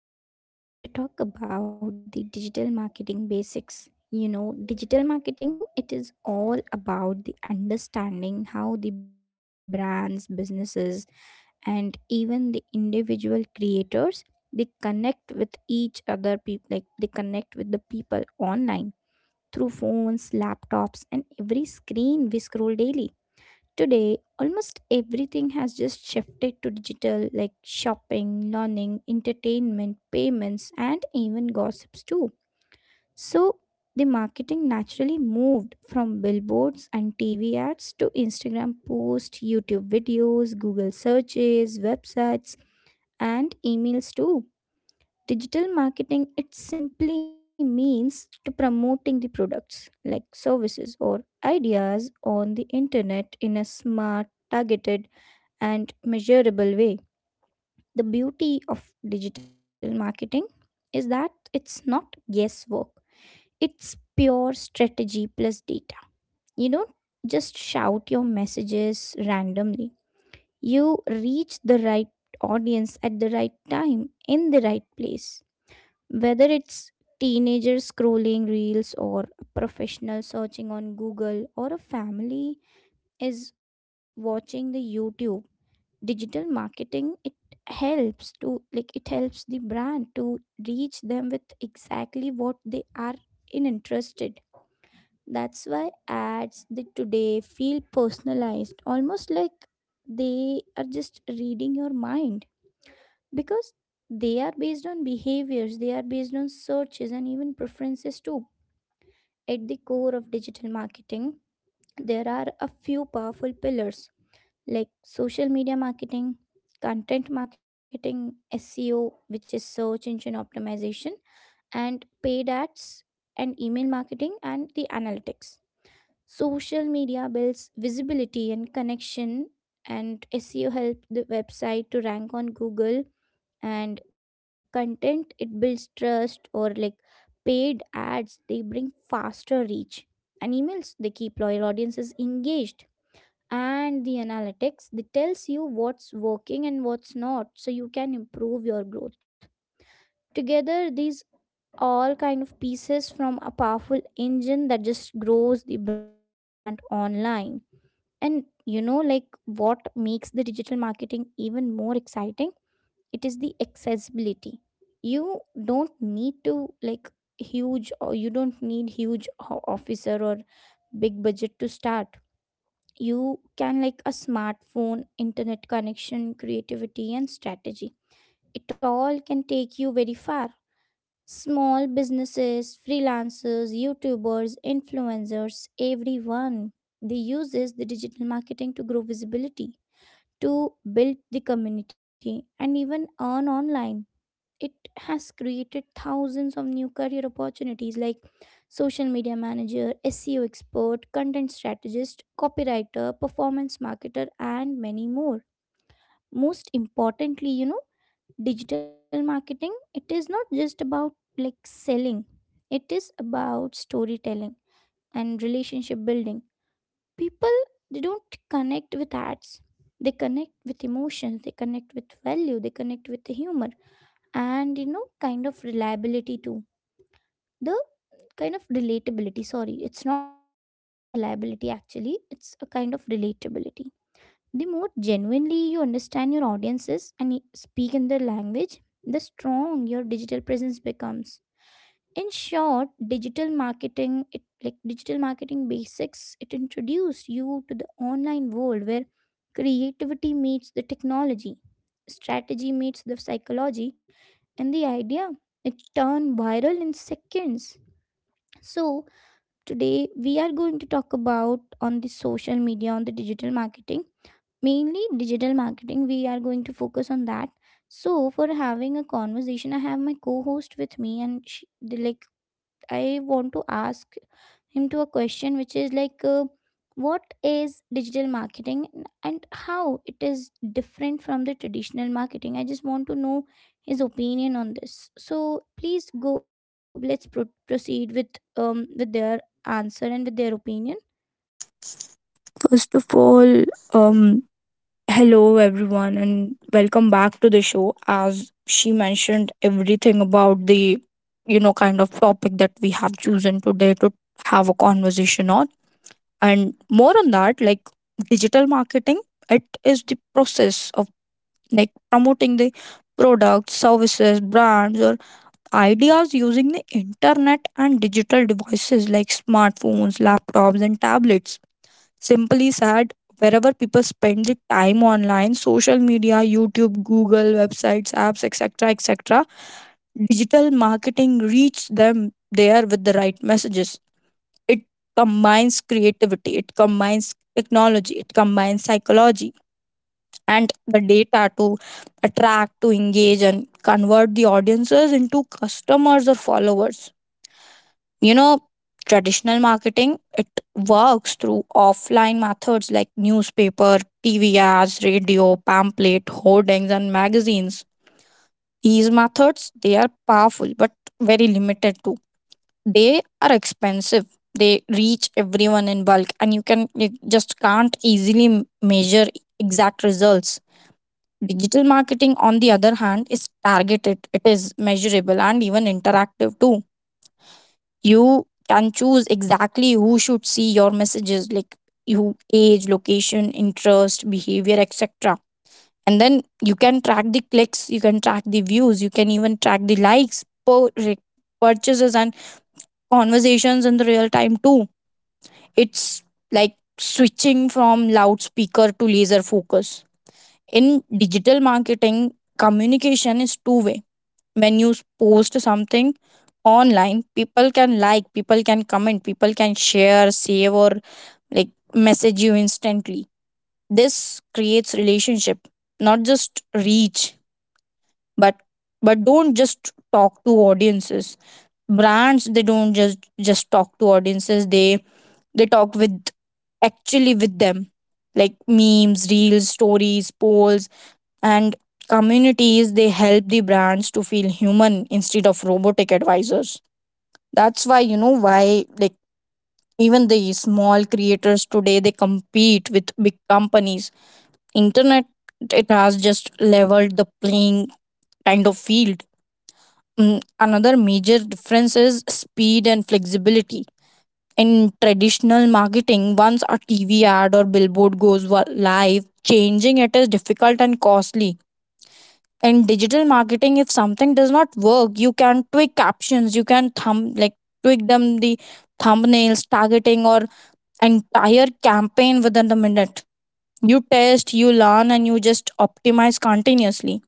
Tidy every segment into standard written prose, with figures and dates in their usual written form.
Today we are going to talk about the digital marketing basics. You know, digital marketing it is all about the understanding how the brands, businesses and even the individual creators they connect with each other people like they connect with the people online through phones, laptops and every screen we scroll daily. Today, almost everything has just shifted to digital, like shopping, learning, entertainment, payments, and even gossips too. So, the marketing naturally moved from billboards and TV ads to Instagram posts, YouTube videos, Google searches, websites, and emails too. Digital marketing it simply means to promoting the products like services or ideas on the internet in a smart, targeted and measurable way. The beauty of digital marketing is that it's not guesswork, it's pure strategy plus data. You don't just shout your messages randomly, you reach the right audience at the right time in the right place. Whether it's teenagers scrolling reels or a professional searching on Google or a family is watching the YouTube, digital marketing it helps to like it helps the brand to reach them with exactly what they are in interested. That's why ads the today feel personalized almost like they are just reading your mind, because they are based on behaviors, they are based on searches and even preferences too. At the core of digital marketing there are a few powerful pillars like social media marketing, content marketing, SEO, which is search engine optimization, and paid ads and email marketing and the analytics. Social media builds visibility and connection, and SEO helps the website to rank on Google. And content it builds trust, or like paid ads, they bring faster reach. And emails they keep loyal audiences engaged, and the analytics that tells you what's working and what's not so you can improve your growth. Together these all kind of pieces from a powerful engine that just grows the brand online. And you know like what makes the digital marketing even more exciting, it is the accessibility. You don't need to like huge or you don't need huge officer or big budget to start. You can like a smartphone internet connection creativity and strategy, it all can take you very far. Small businesses freelancers youtubers influencers everyone, they uses the digital marketing to grow visibility, to build the community and even earn online. It has created thousands of new career opportunities like social media manager, SEO expert, content strategist, copywriter, performance marketer and many more. Most importantly, you know, digital marketing it is not just about like selling. It is about storytelling and relationship building. People they don't connect with ads. They connect with emotions, they connect with value, they connect with the humor and you know kind of reliability too. The kind of relatability, sorry, it's not reliability actually, it's a kind of relatability. The more genuinely you understand your audiences and speak in their language, the strong your digital presence becomes. In short, digital marketing it like digital marketing basics it introduced you to the online world where creativity meets the technology, strategy meets the psychology, and the idea it turned viral in seconds. So today we are going to talk about on the social media on the digital marketing, mainly digital marketing we are going to focus on that. So for having a conversation I have my co-host with me and she, the, like I want to ask him to a question which is like what is digital marketing and how it is different from the traditional marketing. I just want to know his opinion on this, so please go let's proceed with their answer and with their opinion. First of all, um, hello everyone and welcome back to the show. As she mentioned everything about the kind of topic that we have chosen today to have a conversation on. And more on that, like digital marketing, it is the process of like promoting the products, services, brands, or ideas using the internet and digital devices like smartphones, laptops, and tablets. Simply said, wherever people spend the time online, social media, youtube, google, websites, apps, etc, etc, digital marketing reaches them there with the right messages. It combines creativity, it combines technology, it combines psychology and the data to attract, to engage and convert the audiences into customers or followers. You know, traditional marketing, it works through offline methods like newspaper, TV ads, radio, pamphlet, hoardings, and magazines. These methods, they are powerful but very limited too. They are expensive. They reach everyone in bulk and you just can't easily measure exact results. Digital marketing, on the other hand, is targeted, it is measurable and even interactive too. You can choose exactly who should see your messages, like you age, location, interest, behavior, etc, and then you can track the clicks, you can track the views, you can even track the likes, purchases and conversations in the real time too. It's like switching from loudspeaker to laser focus. In digital marketing, communication is two way. When you post something online, people can like, people can comment, people can share, save or like message you instantly. This creates relationship, not just reach. But don't just talk to audiences. Brands, they don't just talk to audiences, they talk with, actually, with them, like memes, reels, stories, polls and communities. They help the brands to feel human instead of robotic advisors. That's why, you know, why, like, even the small creators today, they compete with big companies. Internet, it has just leveled the playing, kind of, field. Another major difference is speed and flexibility. In traditional marketing, once a tv ad or billboard goes live, changing it is difficult and costly. In digital marketing, if something does not work, you can tweak captions, you can thumb like tweak the thumbnails, targeting or entire campaign within the minute. You test, you learn and you just optimize continuously.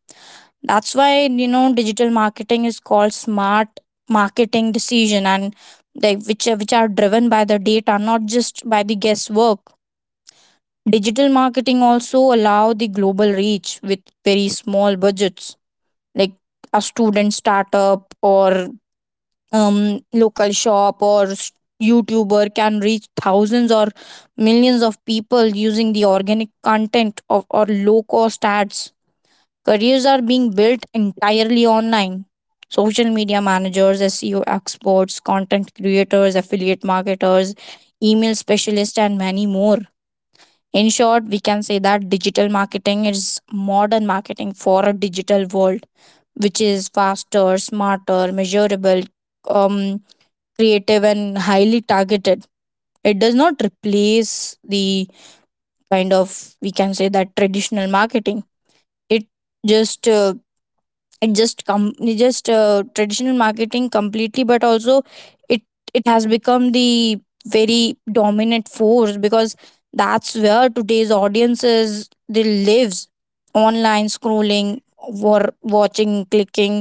That's why, you know, digital marketing is called smart marketing decision, and they which are driven by the data, not just by the guesswork. Digital marketing also allow the global reach with very small budgets. Like a student, startup or local shop or YouTuber can reach thousands or millions of people using the organic content of or low cost ads. Careers are being built entirely online. Social media managers, SEO experts, content creators, affiliate marketers, email specialists, and many more. In short, we can say that digital marketing is modern marketing for a digital world, which is faster, smarter, measurable, um, creative, and highly targeted. It does not replace the kind of, we can say, that traditional marketing. It just traditional marketing completely but also it it has become the very dominant force, because that's where today's audiences, they lives online, scrolling, war watching, clicking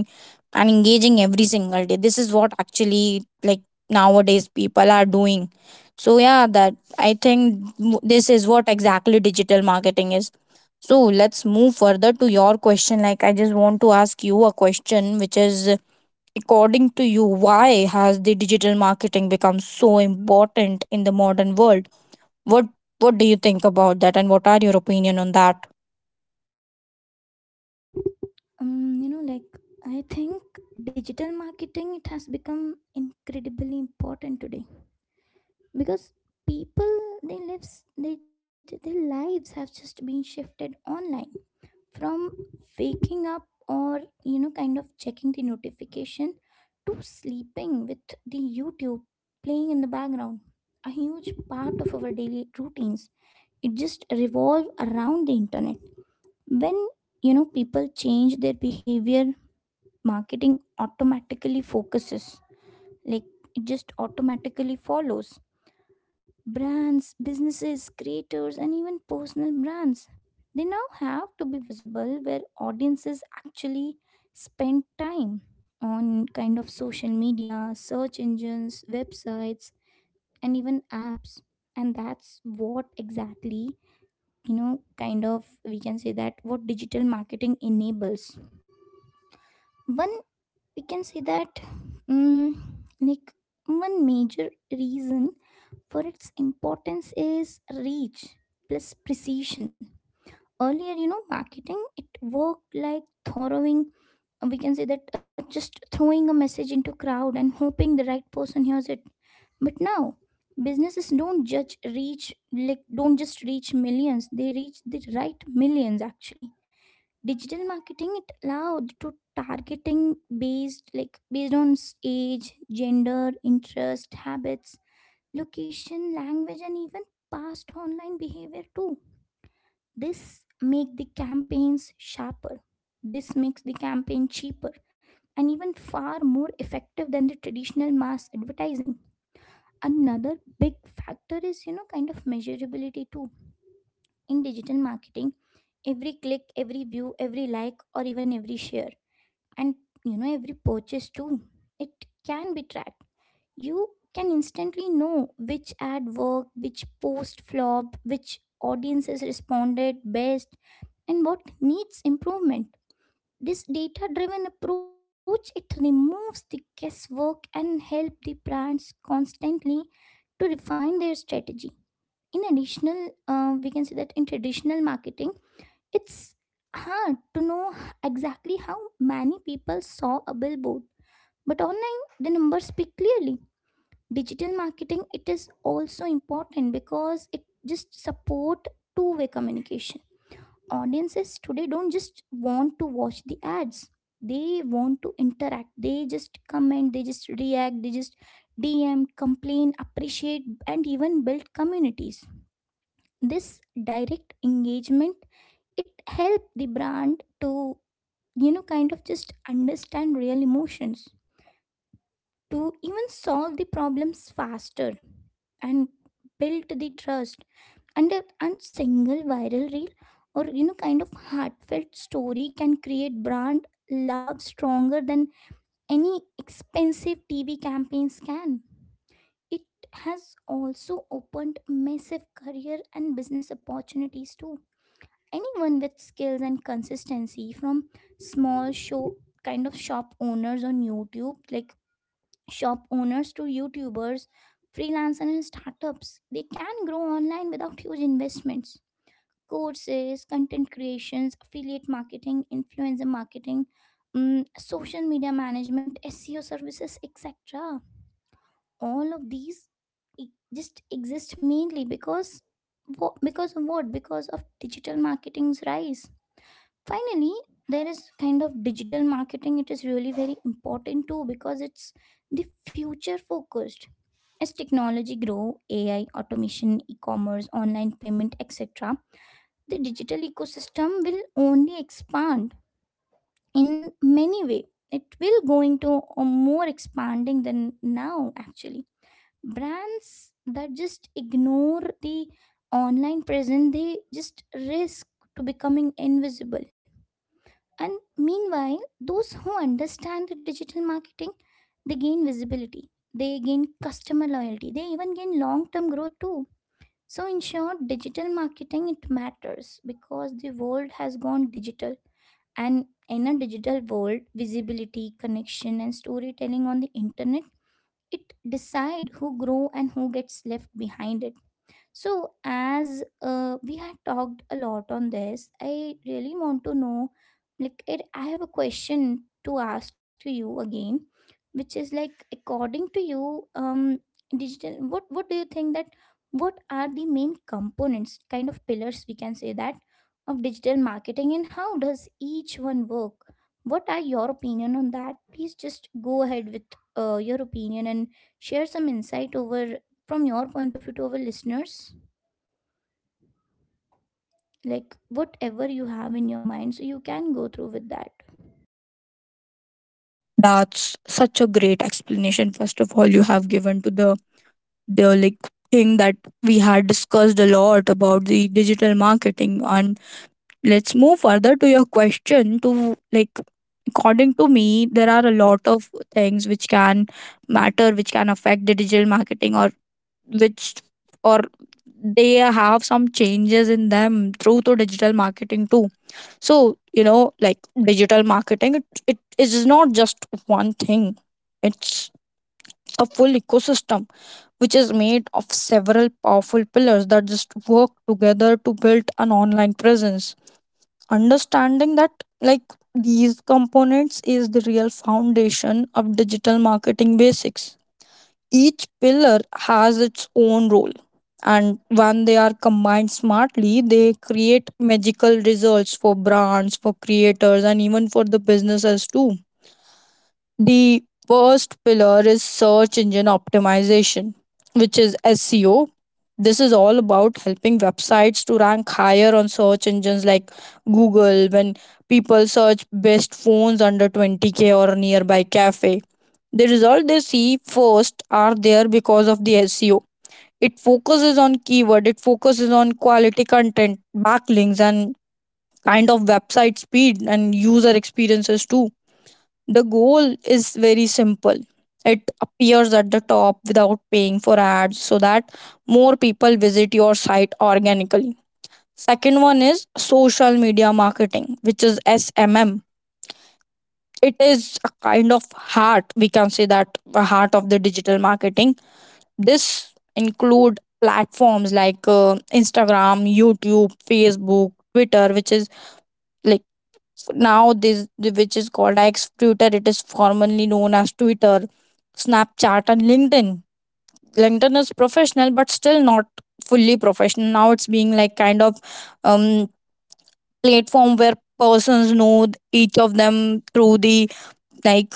and engaging every single day. This is what actually, like, nowadays people are doing. So yeah, that, I think, this is what exactly digital marketing is. So let's move further to your question. Like, I just want to ask you a question, which is, according to you, why has the digital marketing become so important in the modern world? What What do you think about that, and what are your opinion on that? You know like I think digital marketing it has become incredibly important today because people they lives they, their lives have just been shifted online from waking up or you know kind of checking the notification to sleeping with the youtube playing in the background. A huge part of our daily routines it just revolve around the internet. When you know people change their behavior, marketing automatically focuses like it just automatically follows brands, businesses, creators, and even personal brands. They now have to be visible where audiences actually spend time on kind of social media, search engines, websites, and even apps. And that's what exactly, you know, kind of we can say that what digital marketing enables. One, we can say that, mm like, one major reason for its importance is reach plus precision. Earlier, you know, marketing it worked like throwing, we can say that just throwing a message into crowd and hoping the right person hears it. But now businesses don't judge reach like don't just reach millions, they reach the right millions actually. Digital marketing it allowed to targeting based like based on age, gender, interest, habits, location, language, and even past online behavior too. This make the campaigns sharper. This makes the campaign cheaper and even far more effective than the traditional mass advertising. Another big factor is you know kind of measurability too. In digital marketing, every click, every view, every like or even every share and you know every purchase too. It can be tracked. You can instantly know which ad worked, which post flopped, which audiences responded best, and what needs improvement. This data driven approach it removes the guesswork and help the brands constantly to refine their strategy. In additional, we can say that in traditional marketing, it's hard to know exactly how many people saw a billboard, but online the numbers speak clearly. Digital marketing it is also important because it just support two-way communication. Audiences today don't just want to watch the ads, they want to interact, they just comment, they just react, they just dm, complain, appreciate and even build communities. This direct engagement it help the brand to you know kind of just understand real emotions, to even solve the problems faster and built the trust. And and single viral reel or you know kind of heartfelt story can create brand love stronger than any expensive TV campaigns can. It has also opened massive career and business opportunities too. Anyone with skills and consistency from small show kind of shop owners on youtube like shop owners to YouTubers, freelancers, and startups. They can grow online without huge investments. Courses, content creations, affiliate marketing, influencer marketing, social media management, SEO services, etc. All of these e- just exist mainly because wha- because of what? Because of digital marketing's rise. Finally, there is kind of digital marketing. It is really very important too because it's the future focused. As technology grow, AI, automation, e-commerce, online payment, etc., the digital ecosystem will only expand in many way. It will going to a more expanding than now actually. Brands that just ignore the online presence, they just risk to becoming invisible. And meanwhile, those who understand the digital marketing, they gain visibility, they gain customer loyalty, they even gain long term growth too. So, in short, digital marketing it matters because the world has gone digital, and in a digital world, visibility, connection, and storytelling on the internet it decide who grow and who gets left behind. So, as we had talked a lot on this, I really want to know like, it, I have a question to ask to you again, which is like, according to you, digital, what do you think that what are the main components, kind of pillars, we can say that, of digital marketing and how does each one work? What are your opinion on that? Please just go ahead with your opinion and share some insight over from your point of view to our listeners like whatever you have in your mind so you can go through with that. That's such a great explanation. First of all, you have given to the like thing that we had discussed a lot about the digital marketing. And let's move further to your question to, like, according to me, there are a lot of things which can matter, which can affect the digital marketing, or which or they have some changes in them through to digital marketing too. So you know, like, digital marketing, it is not just one thing. It's a full ecosystem which is made of several powerful pillars that just work together to build an online presence. Understanding that, like, these components is the real foundation of digital marketing basics. Each pillar has its own role, and when they are combined smartly, they create magical results for brands, for creators and even for the businesses too. The first pillar is search engine optimization, which is SEO. This is all about helping websites to rank higher on search engines like Google. When people search best phones under 20k or nearby cafe, the result they see first are there because of the SEO. It focuses on keyword, it focuses on quality content, backlinks, and kind of website speed and user experiences too. The goal is very simple. It appears at the top without paying for ads, so that more people visit your site organically. Second one is social media marketing, which is SMM. It is a kind of heart, we can say that the heart of the digital marketing. This include platforms like Instagram, YouTube, Facebook, Twitter, which is, like, now, this which is called X Twitter. It is formerly known as Twitter, Snapchat, and LinkedIn. LinkedIn is professional, but still not fully professional. Now it's being like kind of um platform where persons know each of them through the like,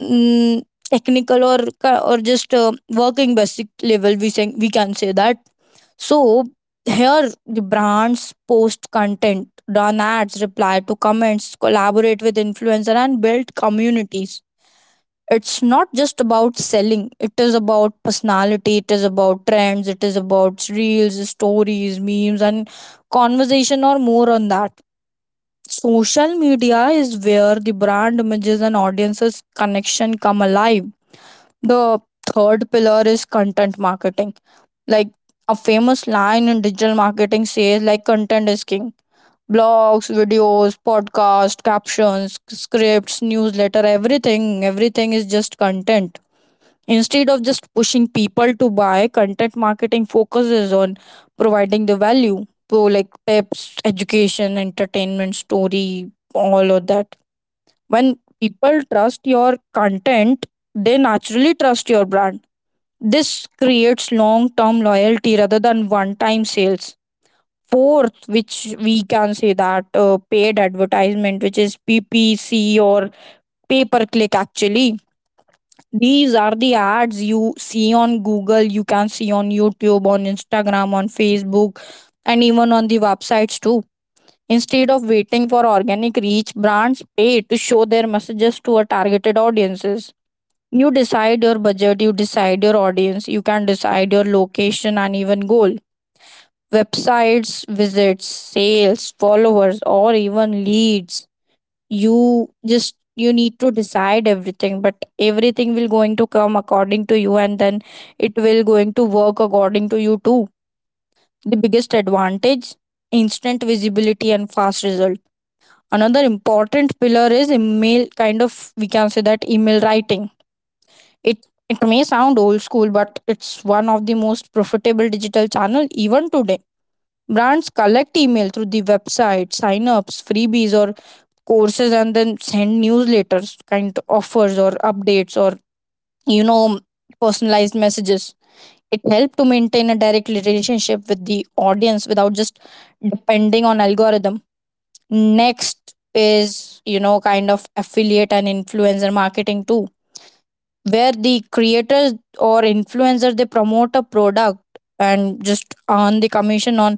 mm, technical or ca- or just working basic level. We can say that. So here the brands post content, run ads, reply to comments, collaborate with influencer and build communities. It's not just about selling, it is about personality, it is about trends, it is about reels, stories, memes and conversation or more on that. Social media is where the brand images and audiences connection come alive. The third pillar is content marketing. Like, a famous line in digital marketing says, like, content is king. Blogs, videos, podcasts, captions, scripts, newsletter, everything is just content. Instead of just pushing people to buy, content marketing focuses on providing the value. So like tips, education, entertainment, story, all of that. When people trust your content, they naturally trust your brand. This creates long term loyalty rather than one time sales. Fourth, which we can say that paid advertisement, which is PPC, or pay per click, actually. These are the ads you see on Google, you can see on YouTube, on Instagram, on Facebook, and even on the websites too. Instead of waiting for organic reach, brands pay to show their messages to a targeted audiences. You decide your budget, you decide your audience, you can decide your location and even goal. Websites, visits, sales, followers, or even leads. You just you need to decide everything, but everything will going to come according to you, and then it will going to work according to you too. The biggest advantage: instant visibility and fast result. Another important pillar is email, kind of, we can say that, email writing. It may sound old school, but it's one of the most profitable digital channel even today. Brands collect email through the website, sign-ups, freebies or courses and then send newsletters, kind offers or updates or, you know, personalized messages. It helps to maintain a direct relationship with the audience without just depending on algorithm. Next is, you know, kind of affiliate and influencer marketing too, where the creators or influencers, they promote a product and just earn the commission on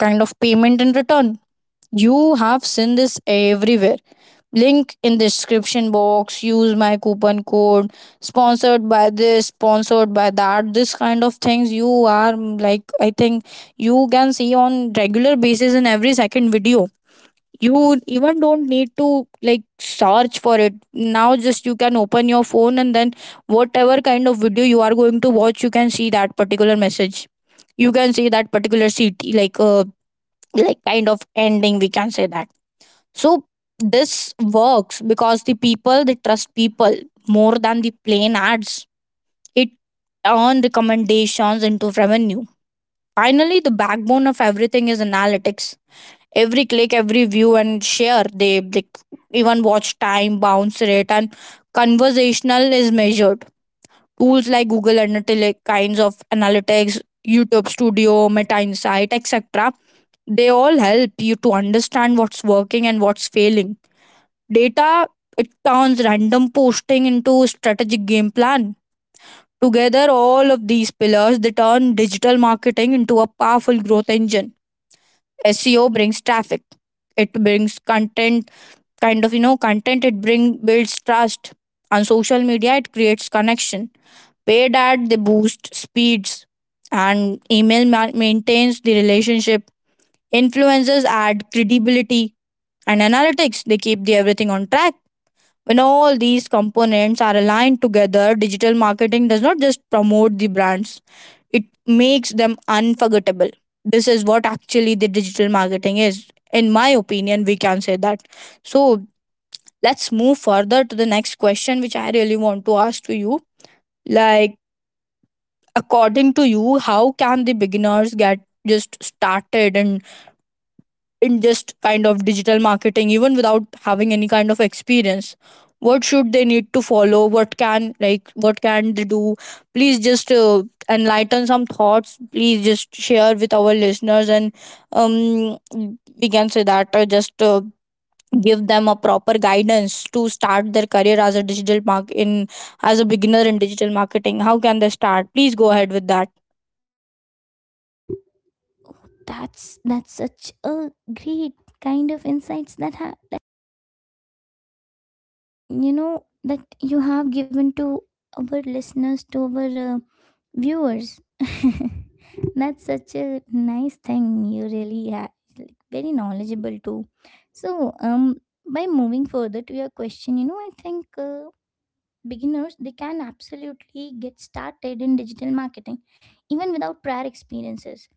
kind of payment in return. You have seen this everywhere. Link in description box, use my coupon code, sponsored by this, sponsored by that. This kind of things you are, like, I think, you can see on regular basis in every second video. You even don't need to like search for it now. Just you can open your phone, and then whatever kind of video you are going to watch, you can see that particular message, you can see that particular city, like kind of ending, we can say that. So this works because the people, they trust people more than the plain ads. It turn recommendations into revenue. Finally, the backbone of everything is analytics. Every click, every view and share, they, like, even watch time, bounce rate and conversational is measured. Tools like google analytics, kinds of analytics, youtube studio, meta insight, etc, they all help you to understand what's working and what's failing. Data, it turns random posting into strategic game plan. Together, all of these pillars, they turn digital marketing into a powerful growth engine. SEO brings traffic, it brings content, kind of, you know, content it bring builds trust. On social media, it creates connection. Paid ad, they boost speeds, and email maintains the relationship. Influencers add credibility, and analytics, they keep the everything on track. When all these components are aligned together, digital marketing does not just promote the brands, it makes them unforgettable. This is what actually the digital marketing is, in my opinion, we can say that. So let's move further to the next question which I really want to ask to you, like, according to you, how can the beginners get just started and in just kind of digital marketing even without having any kind of experience? What should they need to follow? What can, like, what can they do? Please just enlighten some thoughts. Please just share with our listeners, and um we can say that just give them a proper guidance to start their career as a digital mark in, as a beginner in digital marketing. How can they start? Please go ahead with that. Oh, that's such a great kind of insights that that you know that you have given to our listeners to our viewers that's such a nice thing. You really have, like, very knowledgeable too. So by moving further to your question, you know, I think beginners, they can absolutely get started in digital marketing even without prior experiences.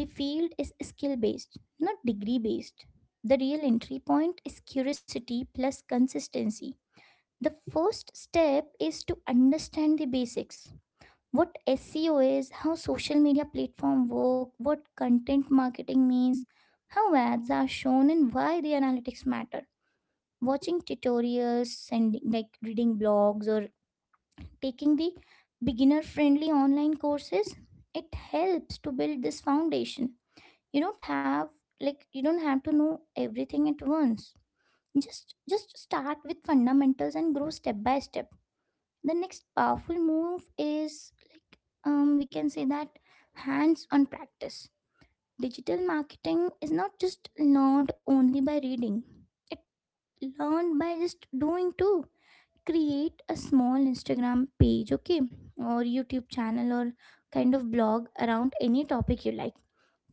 The field is skill based, not degree based. The real entry point is curiosity plus consistency. The first step is to understand the basics: what seo is, how social media platform work, what content marketing means, how ads are shown, and why the analytics matter. Watching tutorials and like reading blogs or taking the beginner friendly online courses, it helps to build this foundation. You don't have, like, you don't have to know everything at once. Just start with fundamentals and grow step by step. The next powerful move is, like, we can say that, hands on practice. Digital marketing is not just learned only by reading, it learned by just doing too. Create a small Instagram page, okay, or YouTube channel, or kind of blog around any topic you like: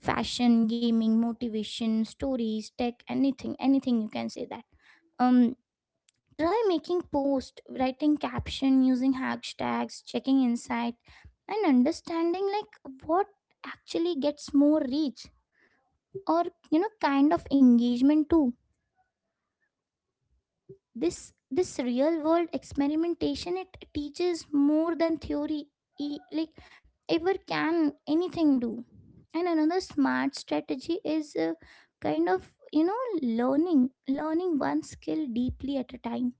fashion, gaming, motivation stories, tech, anything, anything you can say that. um Try making post, writing caption, using hashtags, checking insight, and understanding like what actually gets more reach or, you know, kind of engagement too. This real world experimentation, it teaches more than theory. Like, ever can anything do. And another smart strategy is kind of, you know, learning one skill deeply at a time.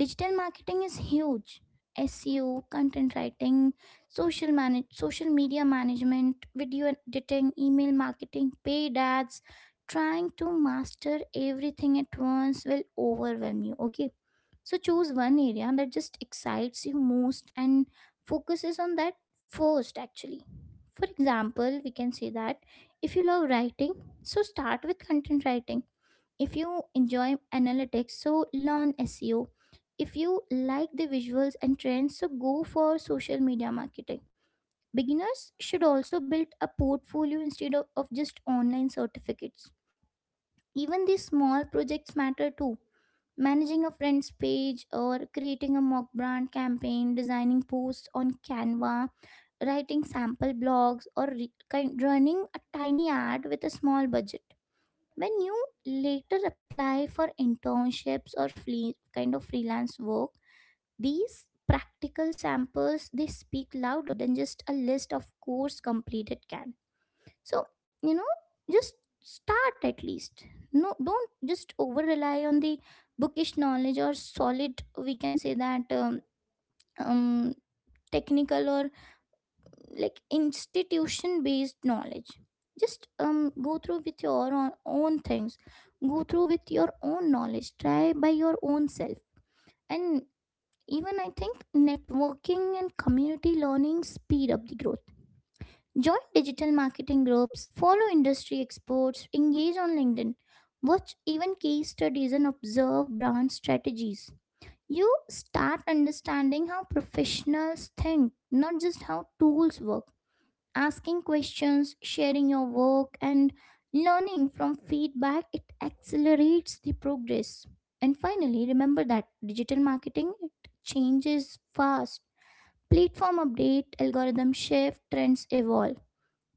Digital marketing is huge: seo, content writing, social media management, video editing, email marketing, paid ads. Trying to master everything at once will overwhelm you, okay. So choose one area that just excites you most and focuses on that first actually. For example, we can say that if you love writing, so start with content writing. If you enjoy analytics, so learn SEO. If you like the visuals and trends, so go for social media marketing. Beginners should also build a portfolio instead of just online certificates. Even these small projects matter too. Managing a friend's page, or creating a mock brand campaign, designing posts on Canva, writing sample blogs, or running a tiny ad with a small budget. When you later apply for internships or kind of freelance work, these practical samples, they speak louder than just a list of course completed can. So, you know, just start at least. No, don't just over rely on the bookish knowledge or solid, we can say that, um, technical or, like, institution based knowledge. Just go through with your own things. Go through with your own knowledge, try by your own self. And even I think networking and community learning speed up the growth. Join digital marketing groups, follow industry experts, engage on LinkedIn, watch even case studies, and observe brand strategies. You start understanding how professionals think, not just how tools work. Asking questions, sharing your work, and learning from feedback, it accelerates the progress. And finally, remember that digital marketing, it changes fast. Platform update, algorithm shift, trends evolve.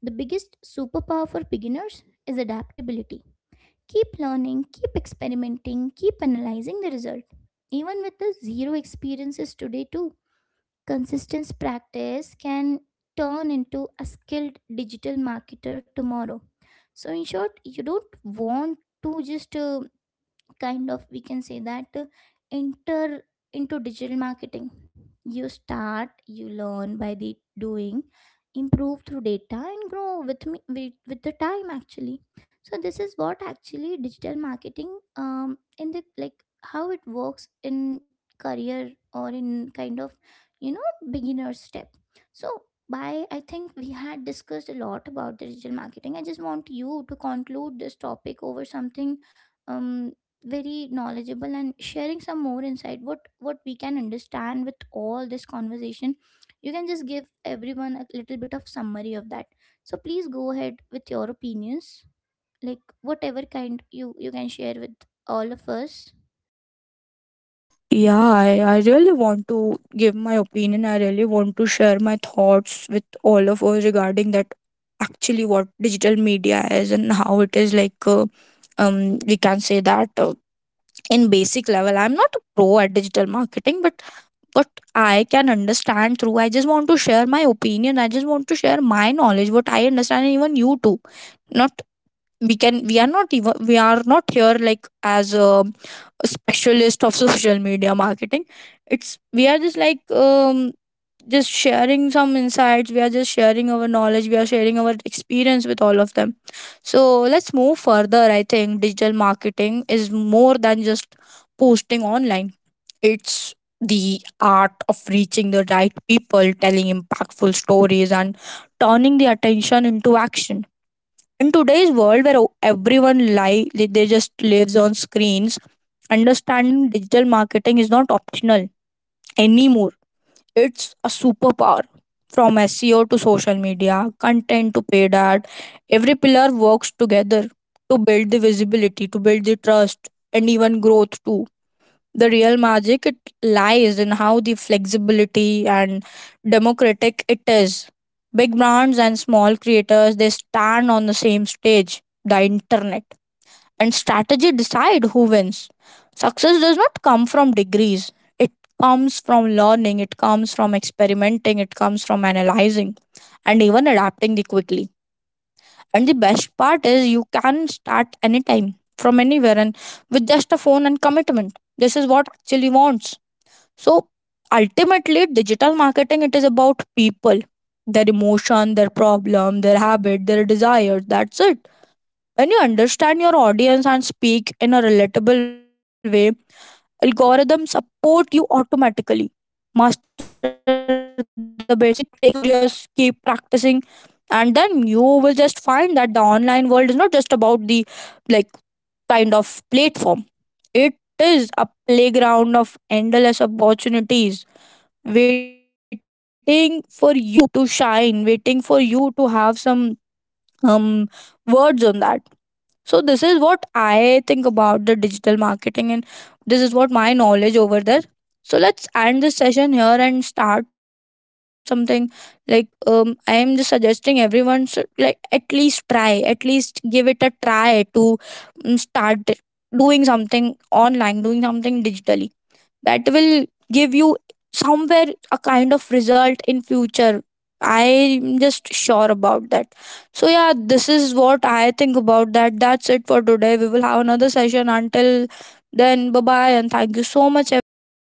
The biggest superpower for beginners is adaptability. Keep learning, keep experimenting, keep analyzing the result. Even with the zero experiences today, too, consistent practice can turn into a skilled digital marketer tomorrow. So, in short, you don't want to just kind of, we can say that, enter into digital marketing. You start, you learn by the doing, improve through data, and grow with me with the time actually. So this is what actually digital marketing, in the, like, how it works in career or in kind of, you know, beginner step. So by, I think we had discussed a lot about the digital marketing. I just want you to conclude this topic over something, um very knowledgeable, and sharing some more insight, what we can understand with all this conversation. You can just give everyone a little bit of summary of that. So please go ahead with your opinions, like whatever kind you can share with all of us. Yeah, I really want to give my opinion. I really want to share my thoughts with all of us regarding that. Actually, what digital media is and how it is, like we can say that in basic level, I'm not a pro at digital marketing, but what I can understand through. I just want to share my opinion. I just want to share my knowledge, what I understand, and even you too. Not we are not, even we are not here like as a specialist of social media marketing. It's we are just like just sharing some insights. We are just sharing our knowledge. We are sharing our experience with all of them. So let's move further. I think digital marketing is more than just posting online. It's the art of reaching the right people, telling impactful stories, and turning the attention into action. In today's world, where everyone lie, they just lives on screens, understanding digital marketing is not optional anymore. It's a superpower. From SEO to social media, content to paid ad, every pillar works together to build the visibility, to build the trust, and even growth too. The real magic, it lies in how the flexibility and democratic it is. Big brands and small creators, they stand on the same stage. The internet and strategy decide who wins. Success does not come from degrees. It comes from learning, it comes from experimenting, it comes from analyzing, and even adapting the quickly. And the best part is, you can start anytime, from anywhere, and with just a phone and commitment. This is what actually wants. So ultimately, digital marketing, it is about people, their emotion, their problem, their habit, their desires. That's it. When you understand your audience and speak in a relatable way, algorithms support you automatically. Master the basic, stay curious, keep practicing, and then you will just find that the online world is not just about the, like, kind of platform. It is a playground of endless opportunities, waiting for you to shine, waiting for you to have some um words on that. So this is what I think about the digital marketing, and this is what my knowledge over there. So let's end this session here and start something, like, I am just suggesting everyone should, like, at least try, at least give it a try to start doing something online, doing something digitally that will give you somewhere a kind of result in future. I'm just sure about that. So yeah, this is what I think about that. That's it for today. We will have another session until then. Bye bye, and thank you so much, everyone.